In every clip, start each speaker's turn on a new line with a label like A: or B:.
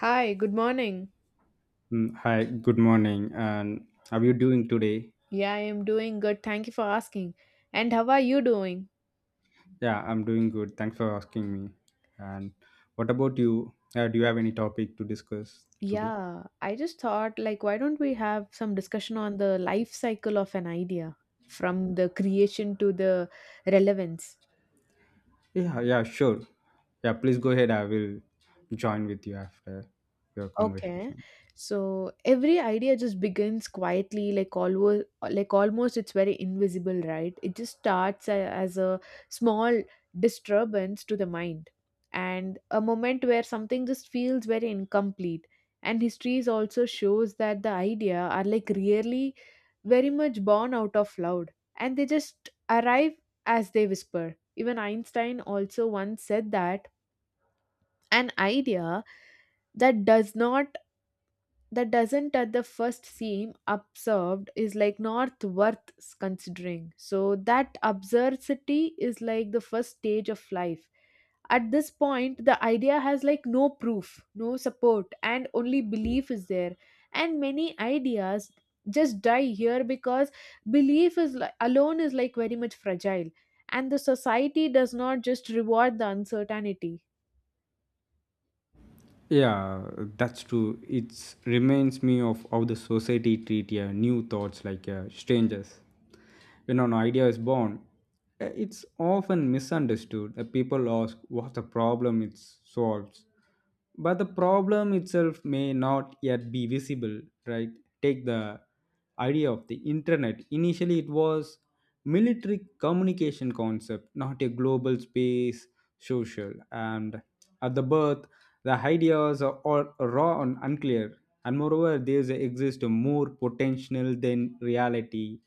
A: Hi, good morning.
B: Hi, good morning. And how are you doing today?
A: Yeah, I am doing good. Thank you for asking. And how are you doing?
B: Yeah, I'm doing good. Thanks for asking me. And what about you? Do you have any topic to discuss today?
A: Yeah, I just thought, like, why don't we have some discussion on the life cycle of an idea from the creation to the relevance?
B: Yeah, yeah, sure. Yeah, please go ahead. I will join with you after your
A: Okay.
B: conversation.
A: So every idea just begins quietly, like always, like almost it's very invisible, right? It just starts as a small disturbance to the mind, and a moment where something just feels very incomplete. And histories also shows that the idea are like really very much born out of loud, and they just arrive as they whisper. Even Einstein also once said that an idea that does not that doesn't at the first seem observed is like not worth considering. So that absurdity is like the first stage of life. At this point the idea has like no proof, no support, and only belief is there, and many ideas just die here because belief is like, alone is like very much fragile, and the society does not just reward the uncertainty.
B: Yeah, that's true. It reminds me of how the society treat new thoughts like strangers. When an idea is born, it's often misunderstood. People ask what the problem it solves, but the problem itself may not yet be visible. Right? Take the idea of the internet. Initially, it was military communication concept, not a global space social. And at the birth, the ideas are raw and unclear, and moreover, there exists more potential than reality,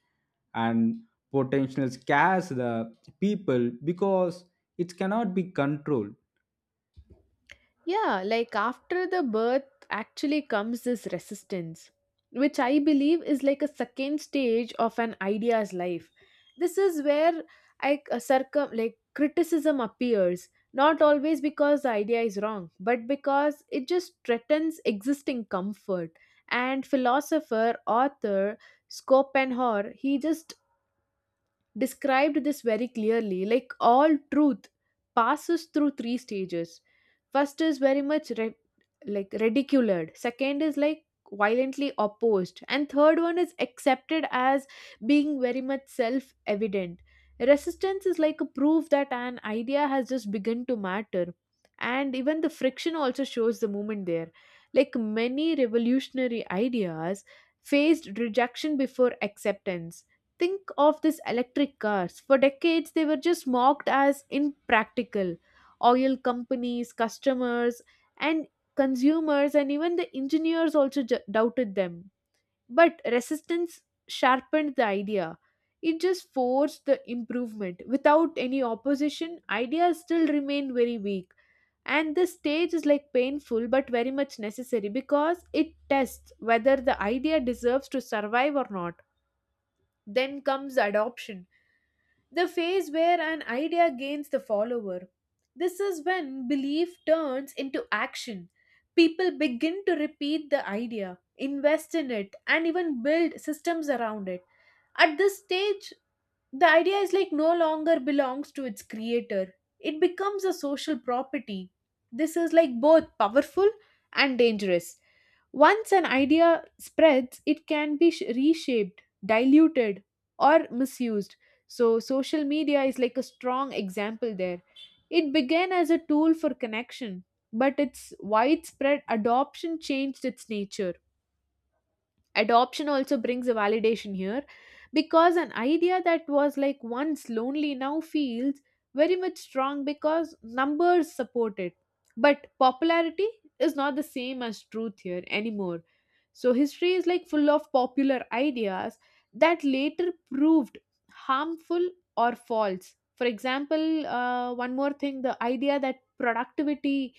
B: and potential scares the people because it cannot be controlled.
A: Yeah, like after the birth actually comes this resistance, which I believe is like a second stage of an idea's life. This is where I circum like criticism appears, not always because the idea is wrong, but because it just threatens existing comfort. And philosopher, author Schopenhauer, he just described this very clearly, like all truth passes through three stages. First is very much like ridiculed, second is like violently opposed, and third one is accepted as being very much self evident. Resistance is like a proof that an idea has just begun to matter, and even the friction also shows the movement there. Like many revolutionary ideas faced rejection before acceptance. Think of these electric cars. For decades, they were just mocked as impractical. Oil companies, customers, and consumers, and even the engineers also doubted them. But resistance sharpened the idea. It just forced the improvement. Without any opposition, ideas still remained very weak. And this stage is like painful but very much necessary because it tests whether the idea deserves to survive or not. Then comes adoption, the phase where an idea gains the follower. This is when belief turns into action. People begin to repeat the idea, invest in it, and even build systems around it. At this stage, the idea is like no longer belongs to its creator, it becomes a social property. This is like both powerful and dangerous. Once an idea spreads, it can be reshaped, diluted, or misused. So, social media is like a strong example there. It began as a tool for connection, but its widespread adoption changed its nature. Adoption also brings a validation here, because an idea that was like once lonely now feels very much strong because numbers support it. But popularity is not the same as truth here anymore. So history is like full of popular ideas that later proved harmful or false. For example, one more thing, the idea that productivity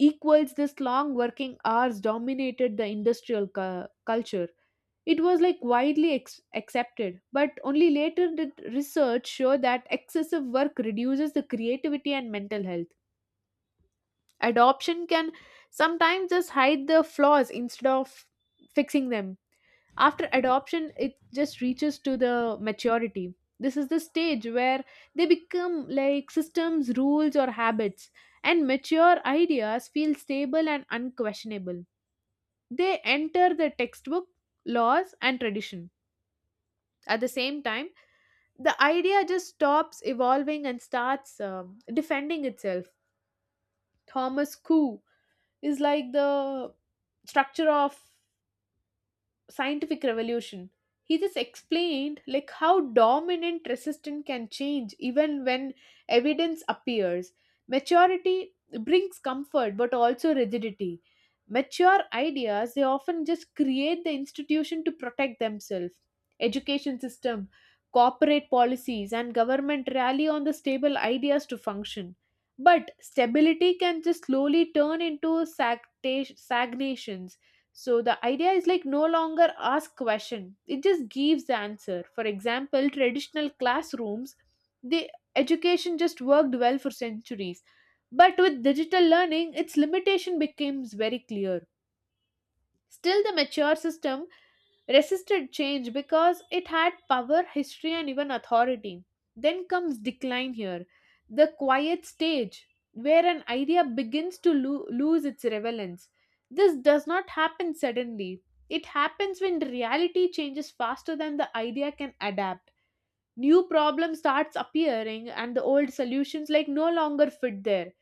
A: equals this long working hours dominated the industrial culture. It was like widely accepted, but only later did research show that excessive work reduces the creativity and mental health. Adoption can sometimes just hide the flaws instead of fixing them. After adoption, it just reaches to the maturity. This is the stage where they become like systems, rules, or habits, and mature ideas feel stable and unquestionable. They enter the textbook, laws, and tradition. At the same time, the idea just stops evolving and starts defending itself. Thomas Kuh is like the structure of scientific revolution. He just explained like how dominant resistance can change even when evidence appears. Maturity brings comfort but also rigidity. Mature ideas they often just create the institution to protect themselves. Education system, corporate policies, and government rally on the stable ideas to function, but stability can just slowly turn into stagnations. So the idea is like no longer ask question. It just gives the answer. For example, traditional classrooms, the education just worked well for centuries. But with digital learning, its limitation becomes very clear. Still the mature system resisted change because it had power, history, and even authority. Then comes decline here, the quiet stage where an idea begins to lose its relevance. This does not happen suddenly. It happens when reality changes faster than the idea can adapt. New problems starts appearing and the old solutions like no longer fit there.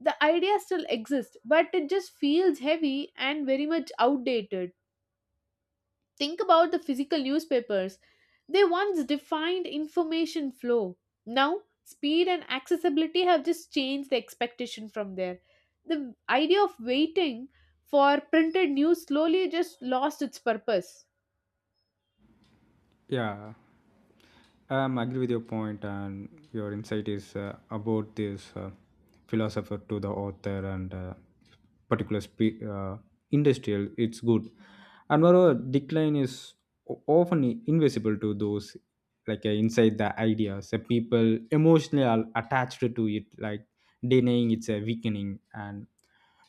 A: The idea still exists, but it just feels heavy and very much outdated. Think about the physical newspapers. They once defined information flow. Now, speed and accessibility have just changed the expectation from there. The idea of waiting for printed news slowly just lost its purpose.
B: Yeah. I agree with your point, and your insight is about this philosopher to the author and particular spe- uh, industrial. It's good, and moreover, decline is often invisible to those like inside the ideas. The people emotionally are attached to it, like denying it's a weakening, and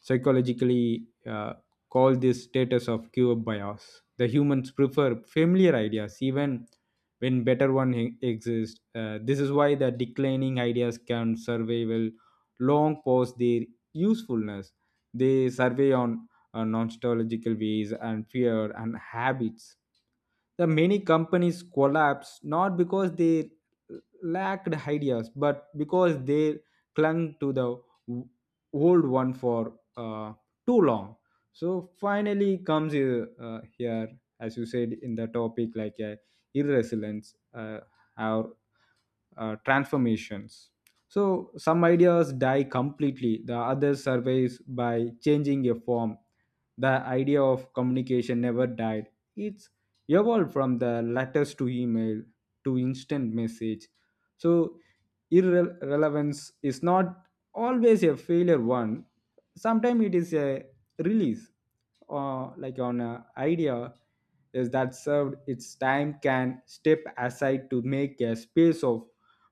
B: psychologically call this status of cure bias. The humans prefer familiar ideas, even when better one exists. This is why the declining ideas can survive well. Long past their usefulness. They survey on nostalgical ways and fear and habits. The many companies collapsed not because they lacked ideas, but because they clung to the w- old one for too long. So finally comes here, as you said in the topic, like irresilience or transformations. So some ideas die completely, the others survives by changing a form. The idea of communication never died. It evolved from the letters to email to instant message. So irrelevance is not always a failure one. Sometimes it is a release or like on an idea is that served its time can step aside to make a space of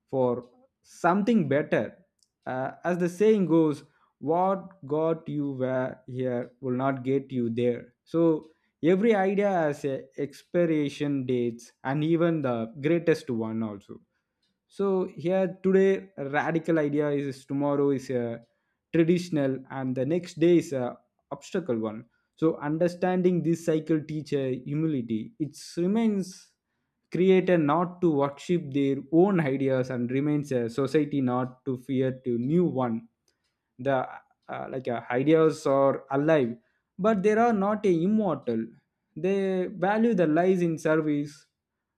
B: for something better. As the saying goes, what got you where here will not get you there. So every idea has a expiration dates and even the greatest one also, so here today a radical idea is tomorrow is a traditional and the next day is a obstacle one. So understanding this cycle teacher humility, it remains creator not to worship their own ideas and remains a society not to fear to new one. The like Ideas are alive, but they are not a immortal. They value the lies in service,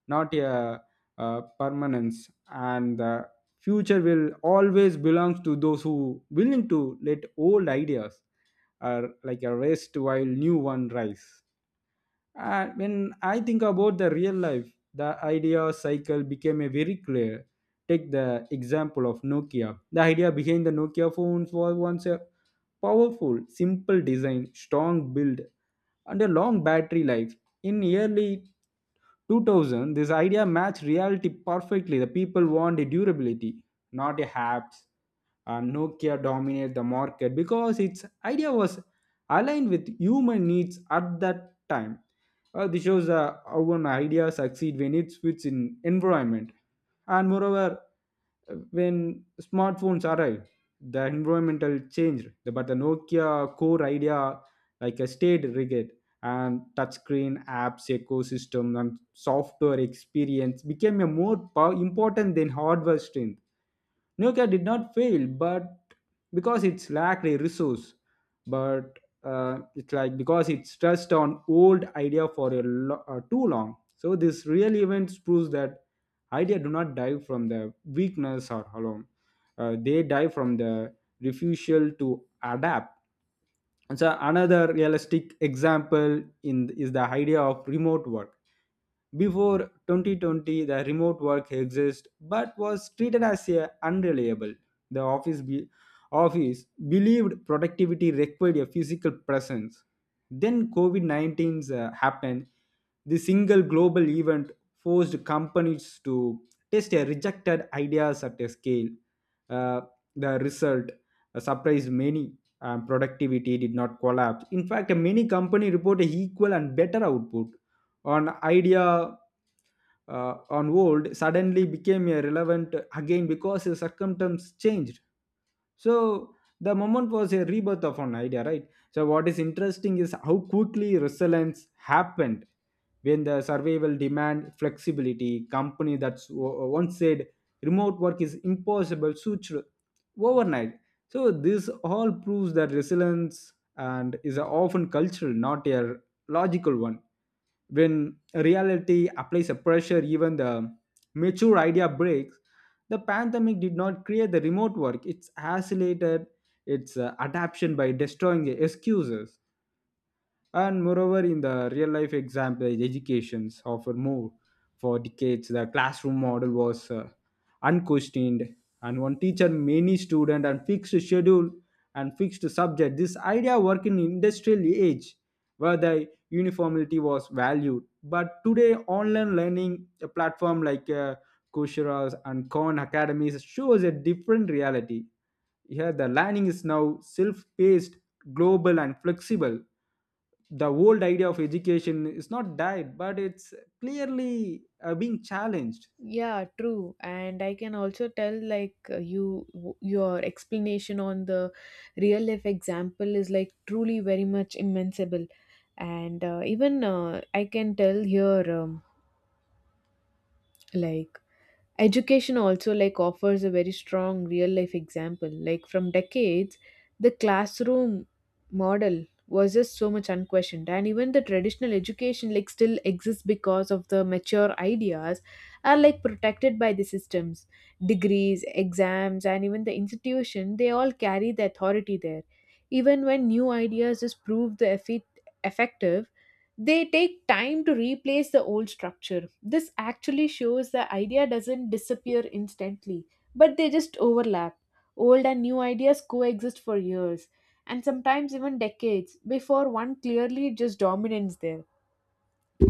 B: not a permanence, and the future will always belong to those who willing to let old ideas are like a rest while new one rise. And when I think about the real life, the idea cycle became a very clear. Take the example of Nokia. The idea behind the Nokia phones was once a powerful, simple design, strong build, and a long battery life. In early 2000, this idea matched reality perfectly. The people want a durability, not a apps, and Nokia dominated the market because its idea was aligned with human needs at that time. This shows how an idea succeeds when it fits in environment. And moreover, when smartphones arrived, the environmental changed, but the Nokia core idea like a state regret and touchscreen apps ecosystem and software experience became a important than hardware strength. Nokia did not fail, but because it's lacked a resource, but it's like because it's stressed on old idea for a too long. So this real events proves that idea do not die from the weakness or alone. They die from the refusal to adapt. And so another realistic example in is the idea of remote work. Before 2020, the remote work existed but was treated as a unreliable. The office be- office believed productivity required a physical presence. Then COVID COVID-19 happened. The single global event forced companies to test a rejected ideas at a scale. Uh, the result surprised many. Productivity did not collapse. In fact, many company reported equal and better output on idea on old suddenly became irrelevant again because the circumstance changed. So the moment was a rebirth of an idea, right? So what is interesting is how quickly resilience happened when the survival demand flexibility. Company that once said remote work is impossible switched overnight. So this all proves that resilience and is often cultural, not a logical one. When reality applies a pressure, even the mature idea breaks. The pandemic did not create the remote work, it's accelerated its adaption by destroying the excuses. And moreover, in the real life example, educations offer more. For decades, the classroom model was unquestioned, and one teacher, many student, and fixed schedule and fixed subject. This idea worked in industrial age, where the uniformity was valued. But today, online learning a platform like Coursera and Khan Academies shows a different reality. Here, the learning is now self-paced, global, and flexible. The old idea of education is not died, but it's clearly being challenged.
A: Yeah, true. And I can also tell like you your explanation on the real life example is like truly very much immensible. And even I can tell here like education also like offers a very strong real life example. Like from decades the classroom model was just so much unquestioned, and even the traditional education like still exists because of the mature ideas are like protected by the systems, degrees, exams, and even the institution, they all carry the authority there. Even when new ideas just prove the effective, they take time to replace the old structure. This actually shows the idea doesn't disappear instantly, but they just overlap. Old and new ideas coexist for years, and sometimes even decades, before one clearly just dominates there.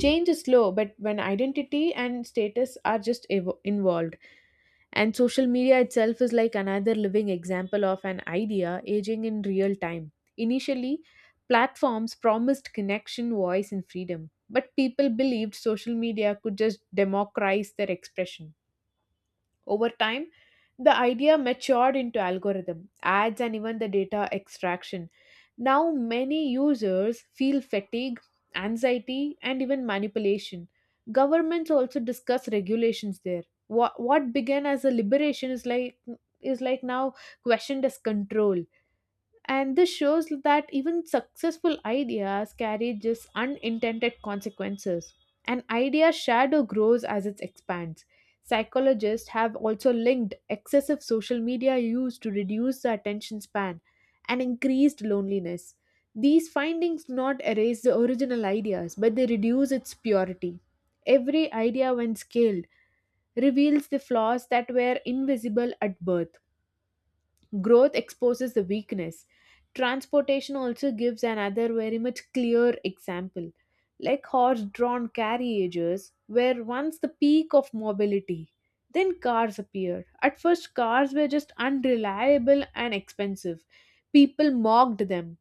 A: Change is slow, but when identity and status are just involved, and social media itself is like another living example of an idea aging in real time. Initially, platforms promised connection, voice, and freedom, but people believed social media could just democratize their expression. Over time, the idea matured into algorithm, ads, and even the data extraction. Now, many users feel fatigue, anxiety, and even manipulation. Governments also discuss regulations there. What began as a liberation is like now questioned as control. And this shows that even successful ideas carry just unintended consequences. An idea's shadow grows as it expands. Psychologists have also linked excessive social media use to reduce the attention span and increased loneliness. These findings not erase the original ideas but they reduce its purity. Every idea when scaled reveals the flaws that were invisible at birth. Growth exposes the weakness. Transportation also gives another very much clear example, like horse drawn carriages, where once the peak of mobility, then cars appeared. At first, cars were just unreliable and expensive. People mocked them,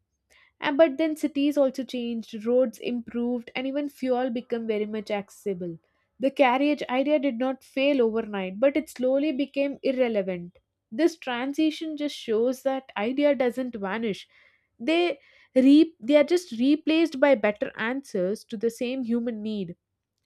A: and but then cities also changed, roads improved, and even fuel became very much accessible. The carriage idea did not fail overnight, but it slowly became irrelevant. This transition just shows that idea doesn't vanish. They they are just replaced by better answers to the same human need.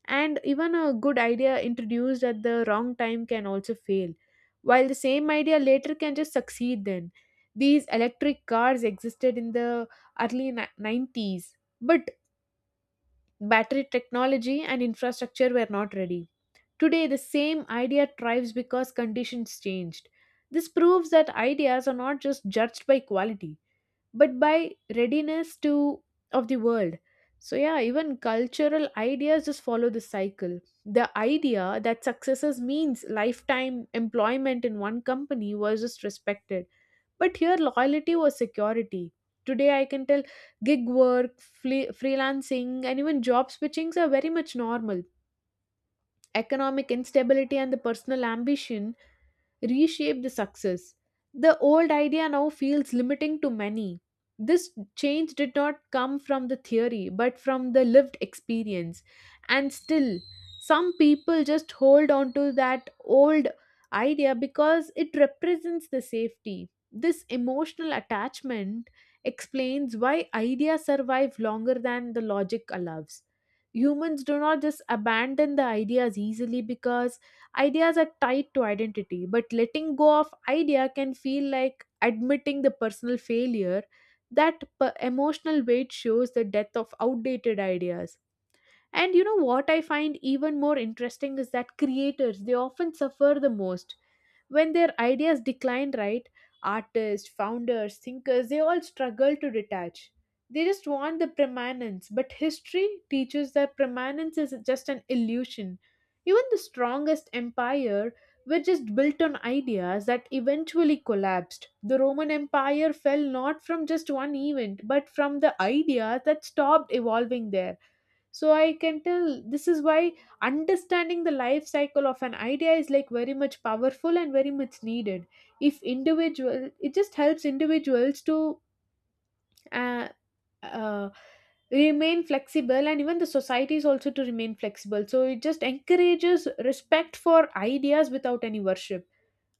A: And even a good idea introduced at the wrong time can also fail, while the same idea later can just succeed then. These electric cars existed in the early 90s, but battery technology and infrastructure were not ready. Today the same idea thrives because conditions changed. This proves that ideas are not just judged by quality, but by readiness to of the world. So yeah, even cultural ideas just follow this cycle. The idea that successes means lifetime employment in one company was just respected, but here loyalty was security. Today I can tell gig work, freelancing, and even job switchings are very much normal. Economic instability and the personal ambition reshape the success. The old idea now feels limiting to many. This change did not come from the theory but from the lived experience. And still, some people just hold on to that old idea because it represents the safety. This emotional attachment explains why ideas survive longer than the logic allows. Humans do not just abandon the ideas easily, because ideas are tied to identity, but letting go of idea can feel like admitting the personal failure. That emotional weight shows the death of outdated ideas. And you know what I find even more interesting is that creators, they often suffer the most when their ideas decline, right? Artists, founders, thinkers, they all struggle to detach. They just want the permanence, but history teaches that permanence is just an illusion. Even the strongest empire were just built on ideas that eventually collapsed. The Roman Empire fell not from just one event, but from the ideas that stopped evolving there. So I can tell this is why understanding the life cycle of an idea is like very much powerful and very much needed. If individual, it just helps individuals to uh, uh, remain flexible, and even the societies also to remain flexible. So it just encourages respect for ideas without any worship.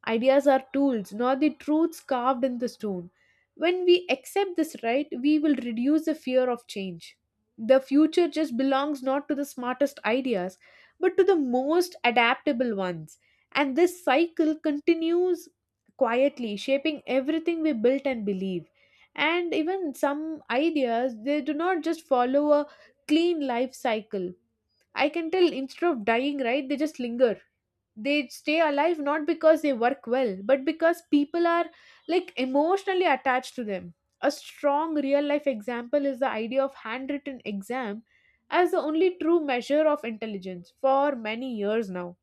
A: Ideas are tools, not the truths carved in the stone. When we accept this, right, we will reduce the fear of change. The future just belongs not to the smartest ideas, but to the most adaptable ones. And this cycle continues quietly, shaping everything we built and believe. And even some ideas, they do not just follow a clean life cycle. I can tell, instead of dying, right, they just linger. They stay alive not because they work well, but because people are like emotionally attached to them. A strong real life example is the idea of handwritten exam as the only true measure of intelligence. For many years now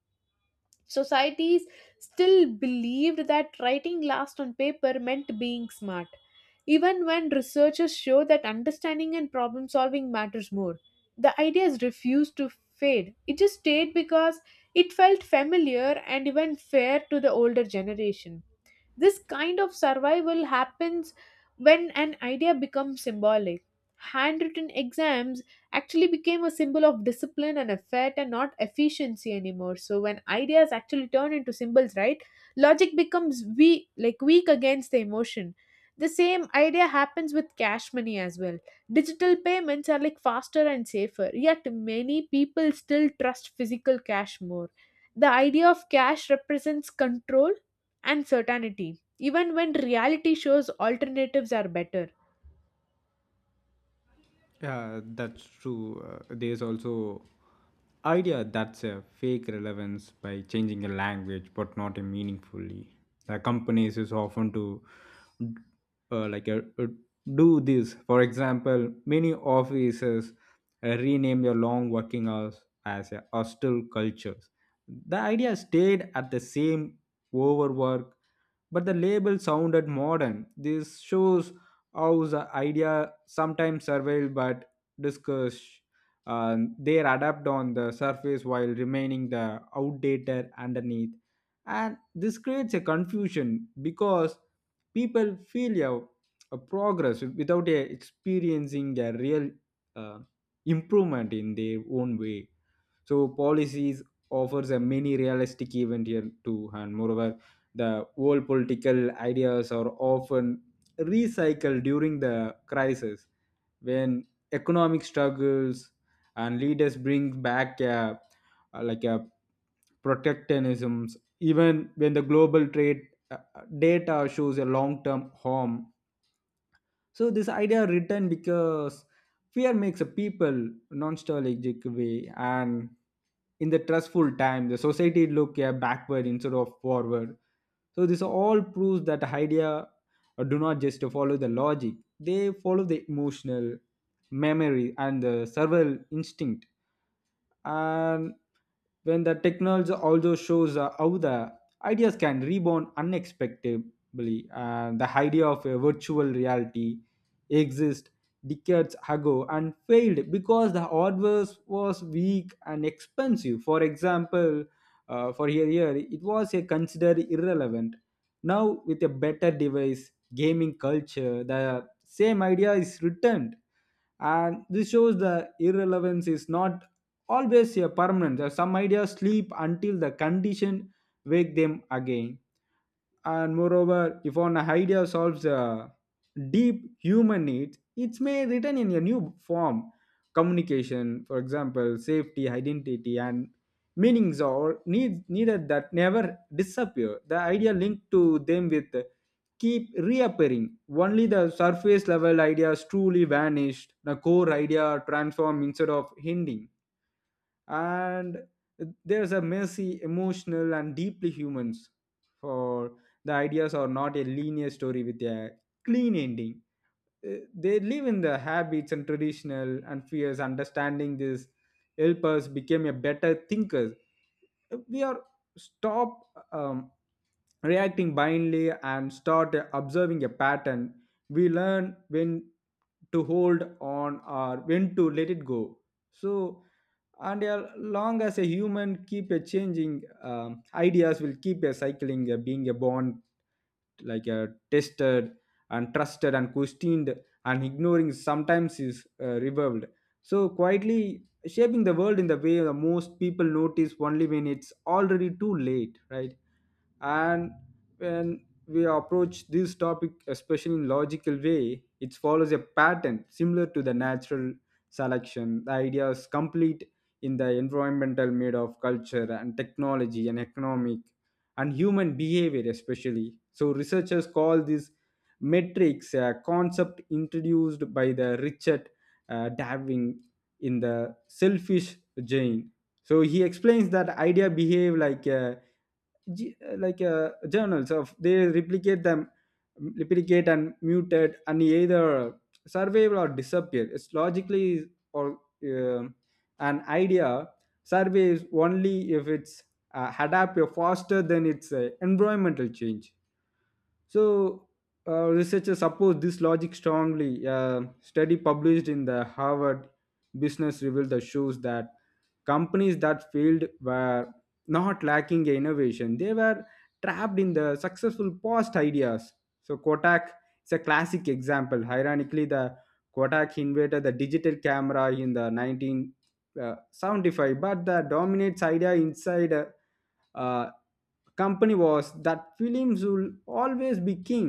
A: societies still believed that writing last on paper meant being smart, even when researchers show that understanding and problem solving matters more. The idea is refused to fade. It just stayed because it felt familiar and even fair to the older generation. This kind of survival happens when an idea becomes symbolic. Handwritten exams actually became a symbol of discipline and effort and not efficiency anymore. So when ideas actually turn into symbols, right? Logic becomes weak, like weak against the emotion. The same idea happens with cash money as well. Digital payments are like faster and safer, yet many people still trust physical cash more. The idea of cash represents control and certainty, even when reality shows alternatives are better.
B: Yeah, that's true. There's also idea that's a fake relevance by changing a language, but not a meaningfully. The companies is often to like do this. For example, many offices rename their long working hours as a hostile cultures. The idea stayed at the same overwork, but the label sounded modern. This shows house idea sometimes survive but discuss. They adapt on the surface while remaining the outdated underneath, and this creates a confusion because people feel a progress without a experiencing a real uh, improvement in their own way. So policies offers a many realistic event here too, and moreover, the old political ideas are often recycle during the crisis when economic struggles, and leaders bring back a protectionisms even when the global trade data shows a long-term harm. So this idea written because fear makes a people non-strategic way, and in the trustful time the society look backward instead of forward. So this all proves that idea do not just follow the logic. They follow the emotional memory and the survival instinct. And when the technology also shows how the ideas can rebound unexpectedly, and the idea of a virtual reality exist decades ago and failed because the hardware was weak and expensive. For example, for a year, it was a considered irrelevant. Now, with a better device, gaming culture, the same idea is returned. And this shows the irrelevance is not always a permanent. There are some ideas sleep until the condition wake them again. And moreover, if an idea solves a deep human needs, it's may written in a new form. Communication, for example, safety identity and meanings or needs needed that never disappear, the idea linked to them with keep reappearing. Only the surface level ideas truly vanished, the core idea transform instead of ending. And there's a messy emotional and deeply humans for the ideas are not a linear story with a clean ending. Eh, they live in the habits and traditional and fears. Understanding this help us become a better thinkers. We are stop reacting blindly and start observing a pattern. We learn when to hold on or when to let it go. So, and as long as a human keep a changing, ideas will keep a cycling being a born like a tester and trusted and questioned and ignoring sometimes is revolved. So quietly shaping the world in the way the most people notice only when it's already too late, right? And when we approach this topic especially in logical way, it follows a pattern similar to the natural selection. The idea is complete in the environmental made of culture and technology and economic and human behavior especially. So researchers call this matrix, a concept introduced by the Richard Darwin in the Selfish Gene. So he explains that idea behave like a journals of they replicate them replicate and mutate and either survive or disappear it's logically. Or um an idea survives only if it's adapt faster than its environmental change. So, researchers support this logic strongly. A study published in the Harvard Business Review that shows that companies that failed were not lacking in innovation; they were trapped in the successful past ideas. So, Kodak is a classic example. Ironically, the Kodak invented the digital camera in the 1975, but the dominates idea inside uh, company was that films will always be king.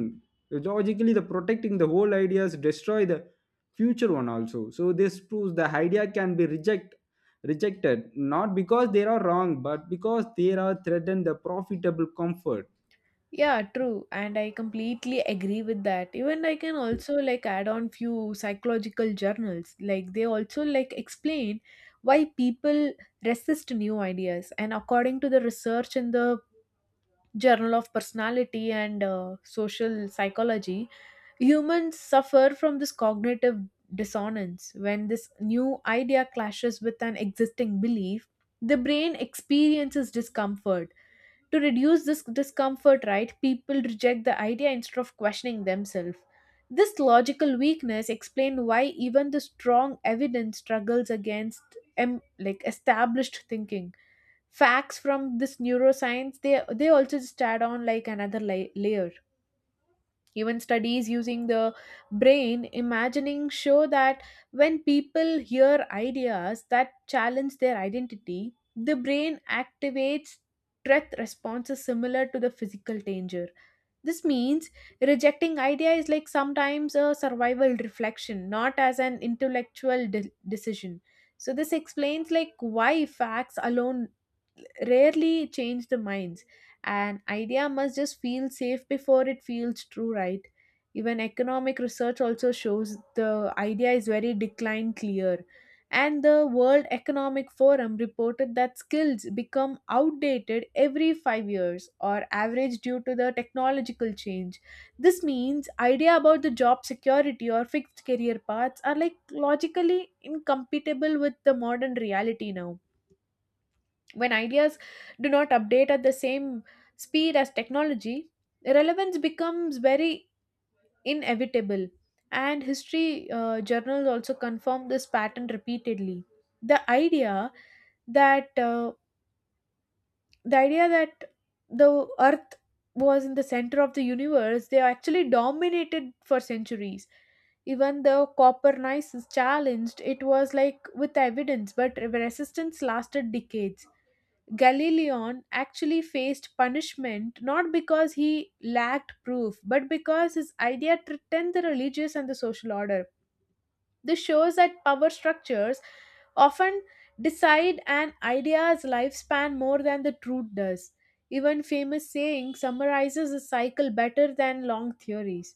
B: Logically, the protecting the whole ideas destroy the future one also. So this proves the idea can be rejected not because they are wrong but because they are threatened the profitable comfort.
A: Yeah, true. And I completely agree with that. Even I can also like add on few psychological journals. Like they also like explain why people resist new ideas. And according to the research in the Journal of Personality and Social Psychology, humans suffer from this cognitive dissonance. When this new idea clashes with an existing belief, the brain experiences discomfort. To reduce this discomfort, right, people reject the idea instead of questioning themselves. This logical weakness explains why even the strong evidence struggles against like established thinking. Facts from this neuroscience, they also just add on like another layer. Even studies using the brain imagining show that when people hear ideas that challenge their identity, the brain activates threat responses similar to the physical danger. This means rejecting idea is like sometimes a survival reflection, not as an intellectual decision. So this explains like why facts alone rarely change the minds. An idea must just feel safe before it feels true, right? Even economic research also shows the idea is very decline clear. And the World Economic Forum reported that skills become outdated every 5 years or average due to the technological change. This means idea about the job security or fixed career paths are like logically incompatible with the modern reality now. When ideas do not update at the same speed as technology, relevance becomes very inevitable. And history journals also confirm this pattern repeatedly. The idea that uh, the idea that the earth was in the center of the universe, they actually dominated for centuries. Even the Copernicus challenged it was like with evidence, but resistance lasted decades. Galileon actually faced punishment not because he lacked proof, but because his idea threatened the religious and the social order. This shows that power structures often decide an idea's lifespan more than the truth does. Even famous saying summarizes the cycle better than long theories.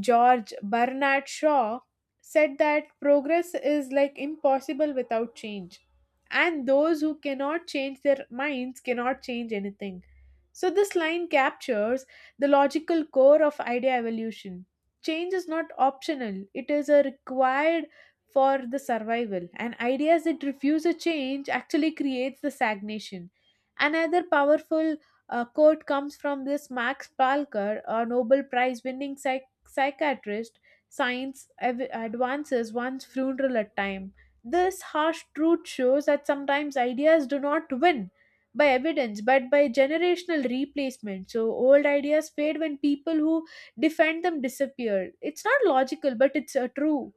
A: George Bernard Shaw said that progress is like impossible without change, and those who cannot change their minds cannot change anything. So, this line captures the logical core of idea evolution. Change is not optional, it is a required for the survival, and ideas that refuse a change actually creates the stagnation. Another powerful quote comes from this Max Palker, a Nobel Prize winning psychologist psychiatrist, science advances one's funeral at time. This harsh truth shows that sometimes ideas do not win by evidence but by generational replacement. So old ideas fade when people who defend them disappear. It's not logical, but it's true.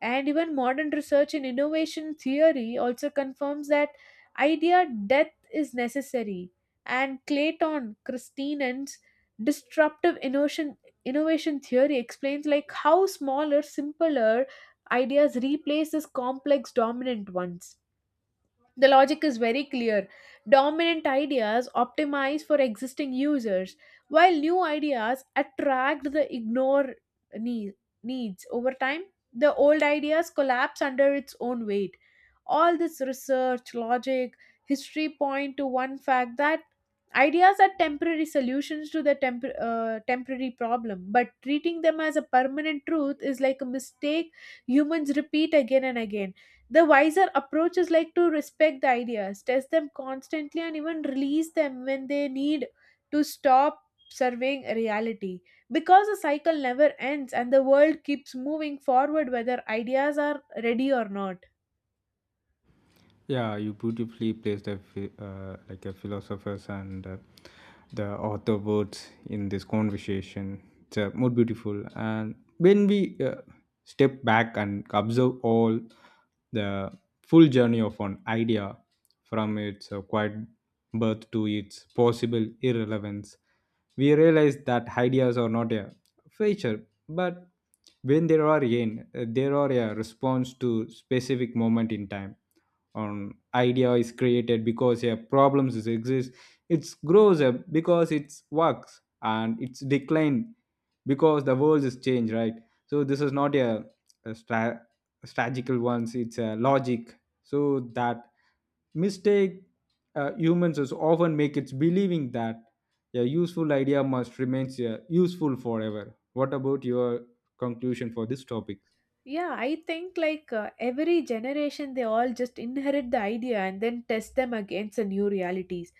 A: And even modern research in innovation theory also confirms that idea death is necessary. And Clayton Christinen's disruptive innovation, innovation theory explains like how smaller, simpler ideas replace these complex dominant ones. The logic is very clear. Dominant ideas optimize for existing users, while new ideas attract the ignore nee- needs. Over time, the old ideas collapse under its own weight. All this research, logic, history point to one fact that ideas are temporary solutions to the temporary problem, but treating them as a permanent truth is like a mistake humans repeat again and again. The wiser approach is like to respect the ideas, test them constantly, and even release them when they need to stop surveying reality. Because the cycle never ends and the world keeps moving forward whether ideas are ready or not.
B: Yeah, you beautifully placed a a philosophers and the author words in this conversation. It's more beautiful. And when we step back and observe all the full journey of an idea from its quiet birth to its possible irrelevance, we realize that ideas are not a feature, but when there are a response to specific moment in time. An idea is created because a problems is exist, it grows up because it works and it's decline because the world is changed, right? So this is not a, a stra- strategical ones, it's a logic. So that mistake humans is often make it's believing that a useful idea must remains useful forever. What about your conclusion for this topic?
A: Yeah, I think like every generation they all just inherit the idea and then test them against the new realities.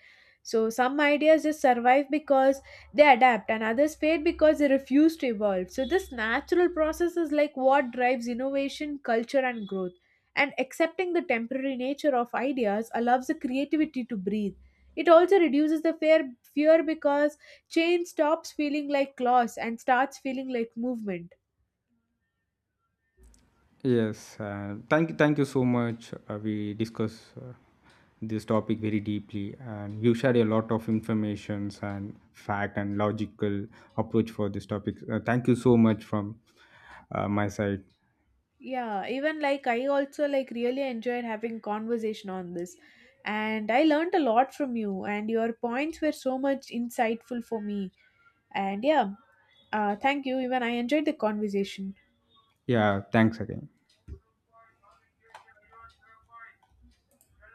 A: So some ideas just survive because they adapt and others fade because they refuse to evolve. So this natural process is like what drives innovation, culture and growth. And accepting the temporary nature of ideas allows the creativity to breathe. It also reduces the fear because change stops feeling like loss and starts feeling like movement.
B: Yes, thank you so much. We discuss this topic very deeply, and you shared a lot of informations and fact and logical approach for this topic. Thank you so much from my side.
A: Yeah, even like I also like really enjoyed having conversation on this. And I learned a lot from you and your points were so much insightful for me. And yeah, thank you. Even I enjoyed the conversation.
B: Yeah, thanks again.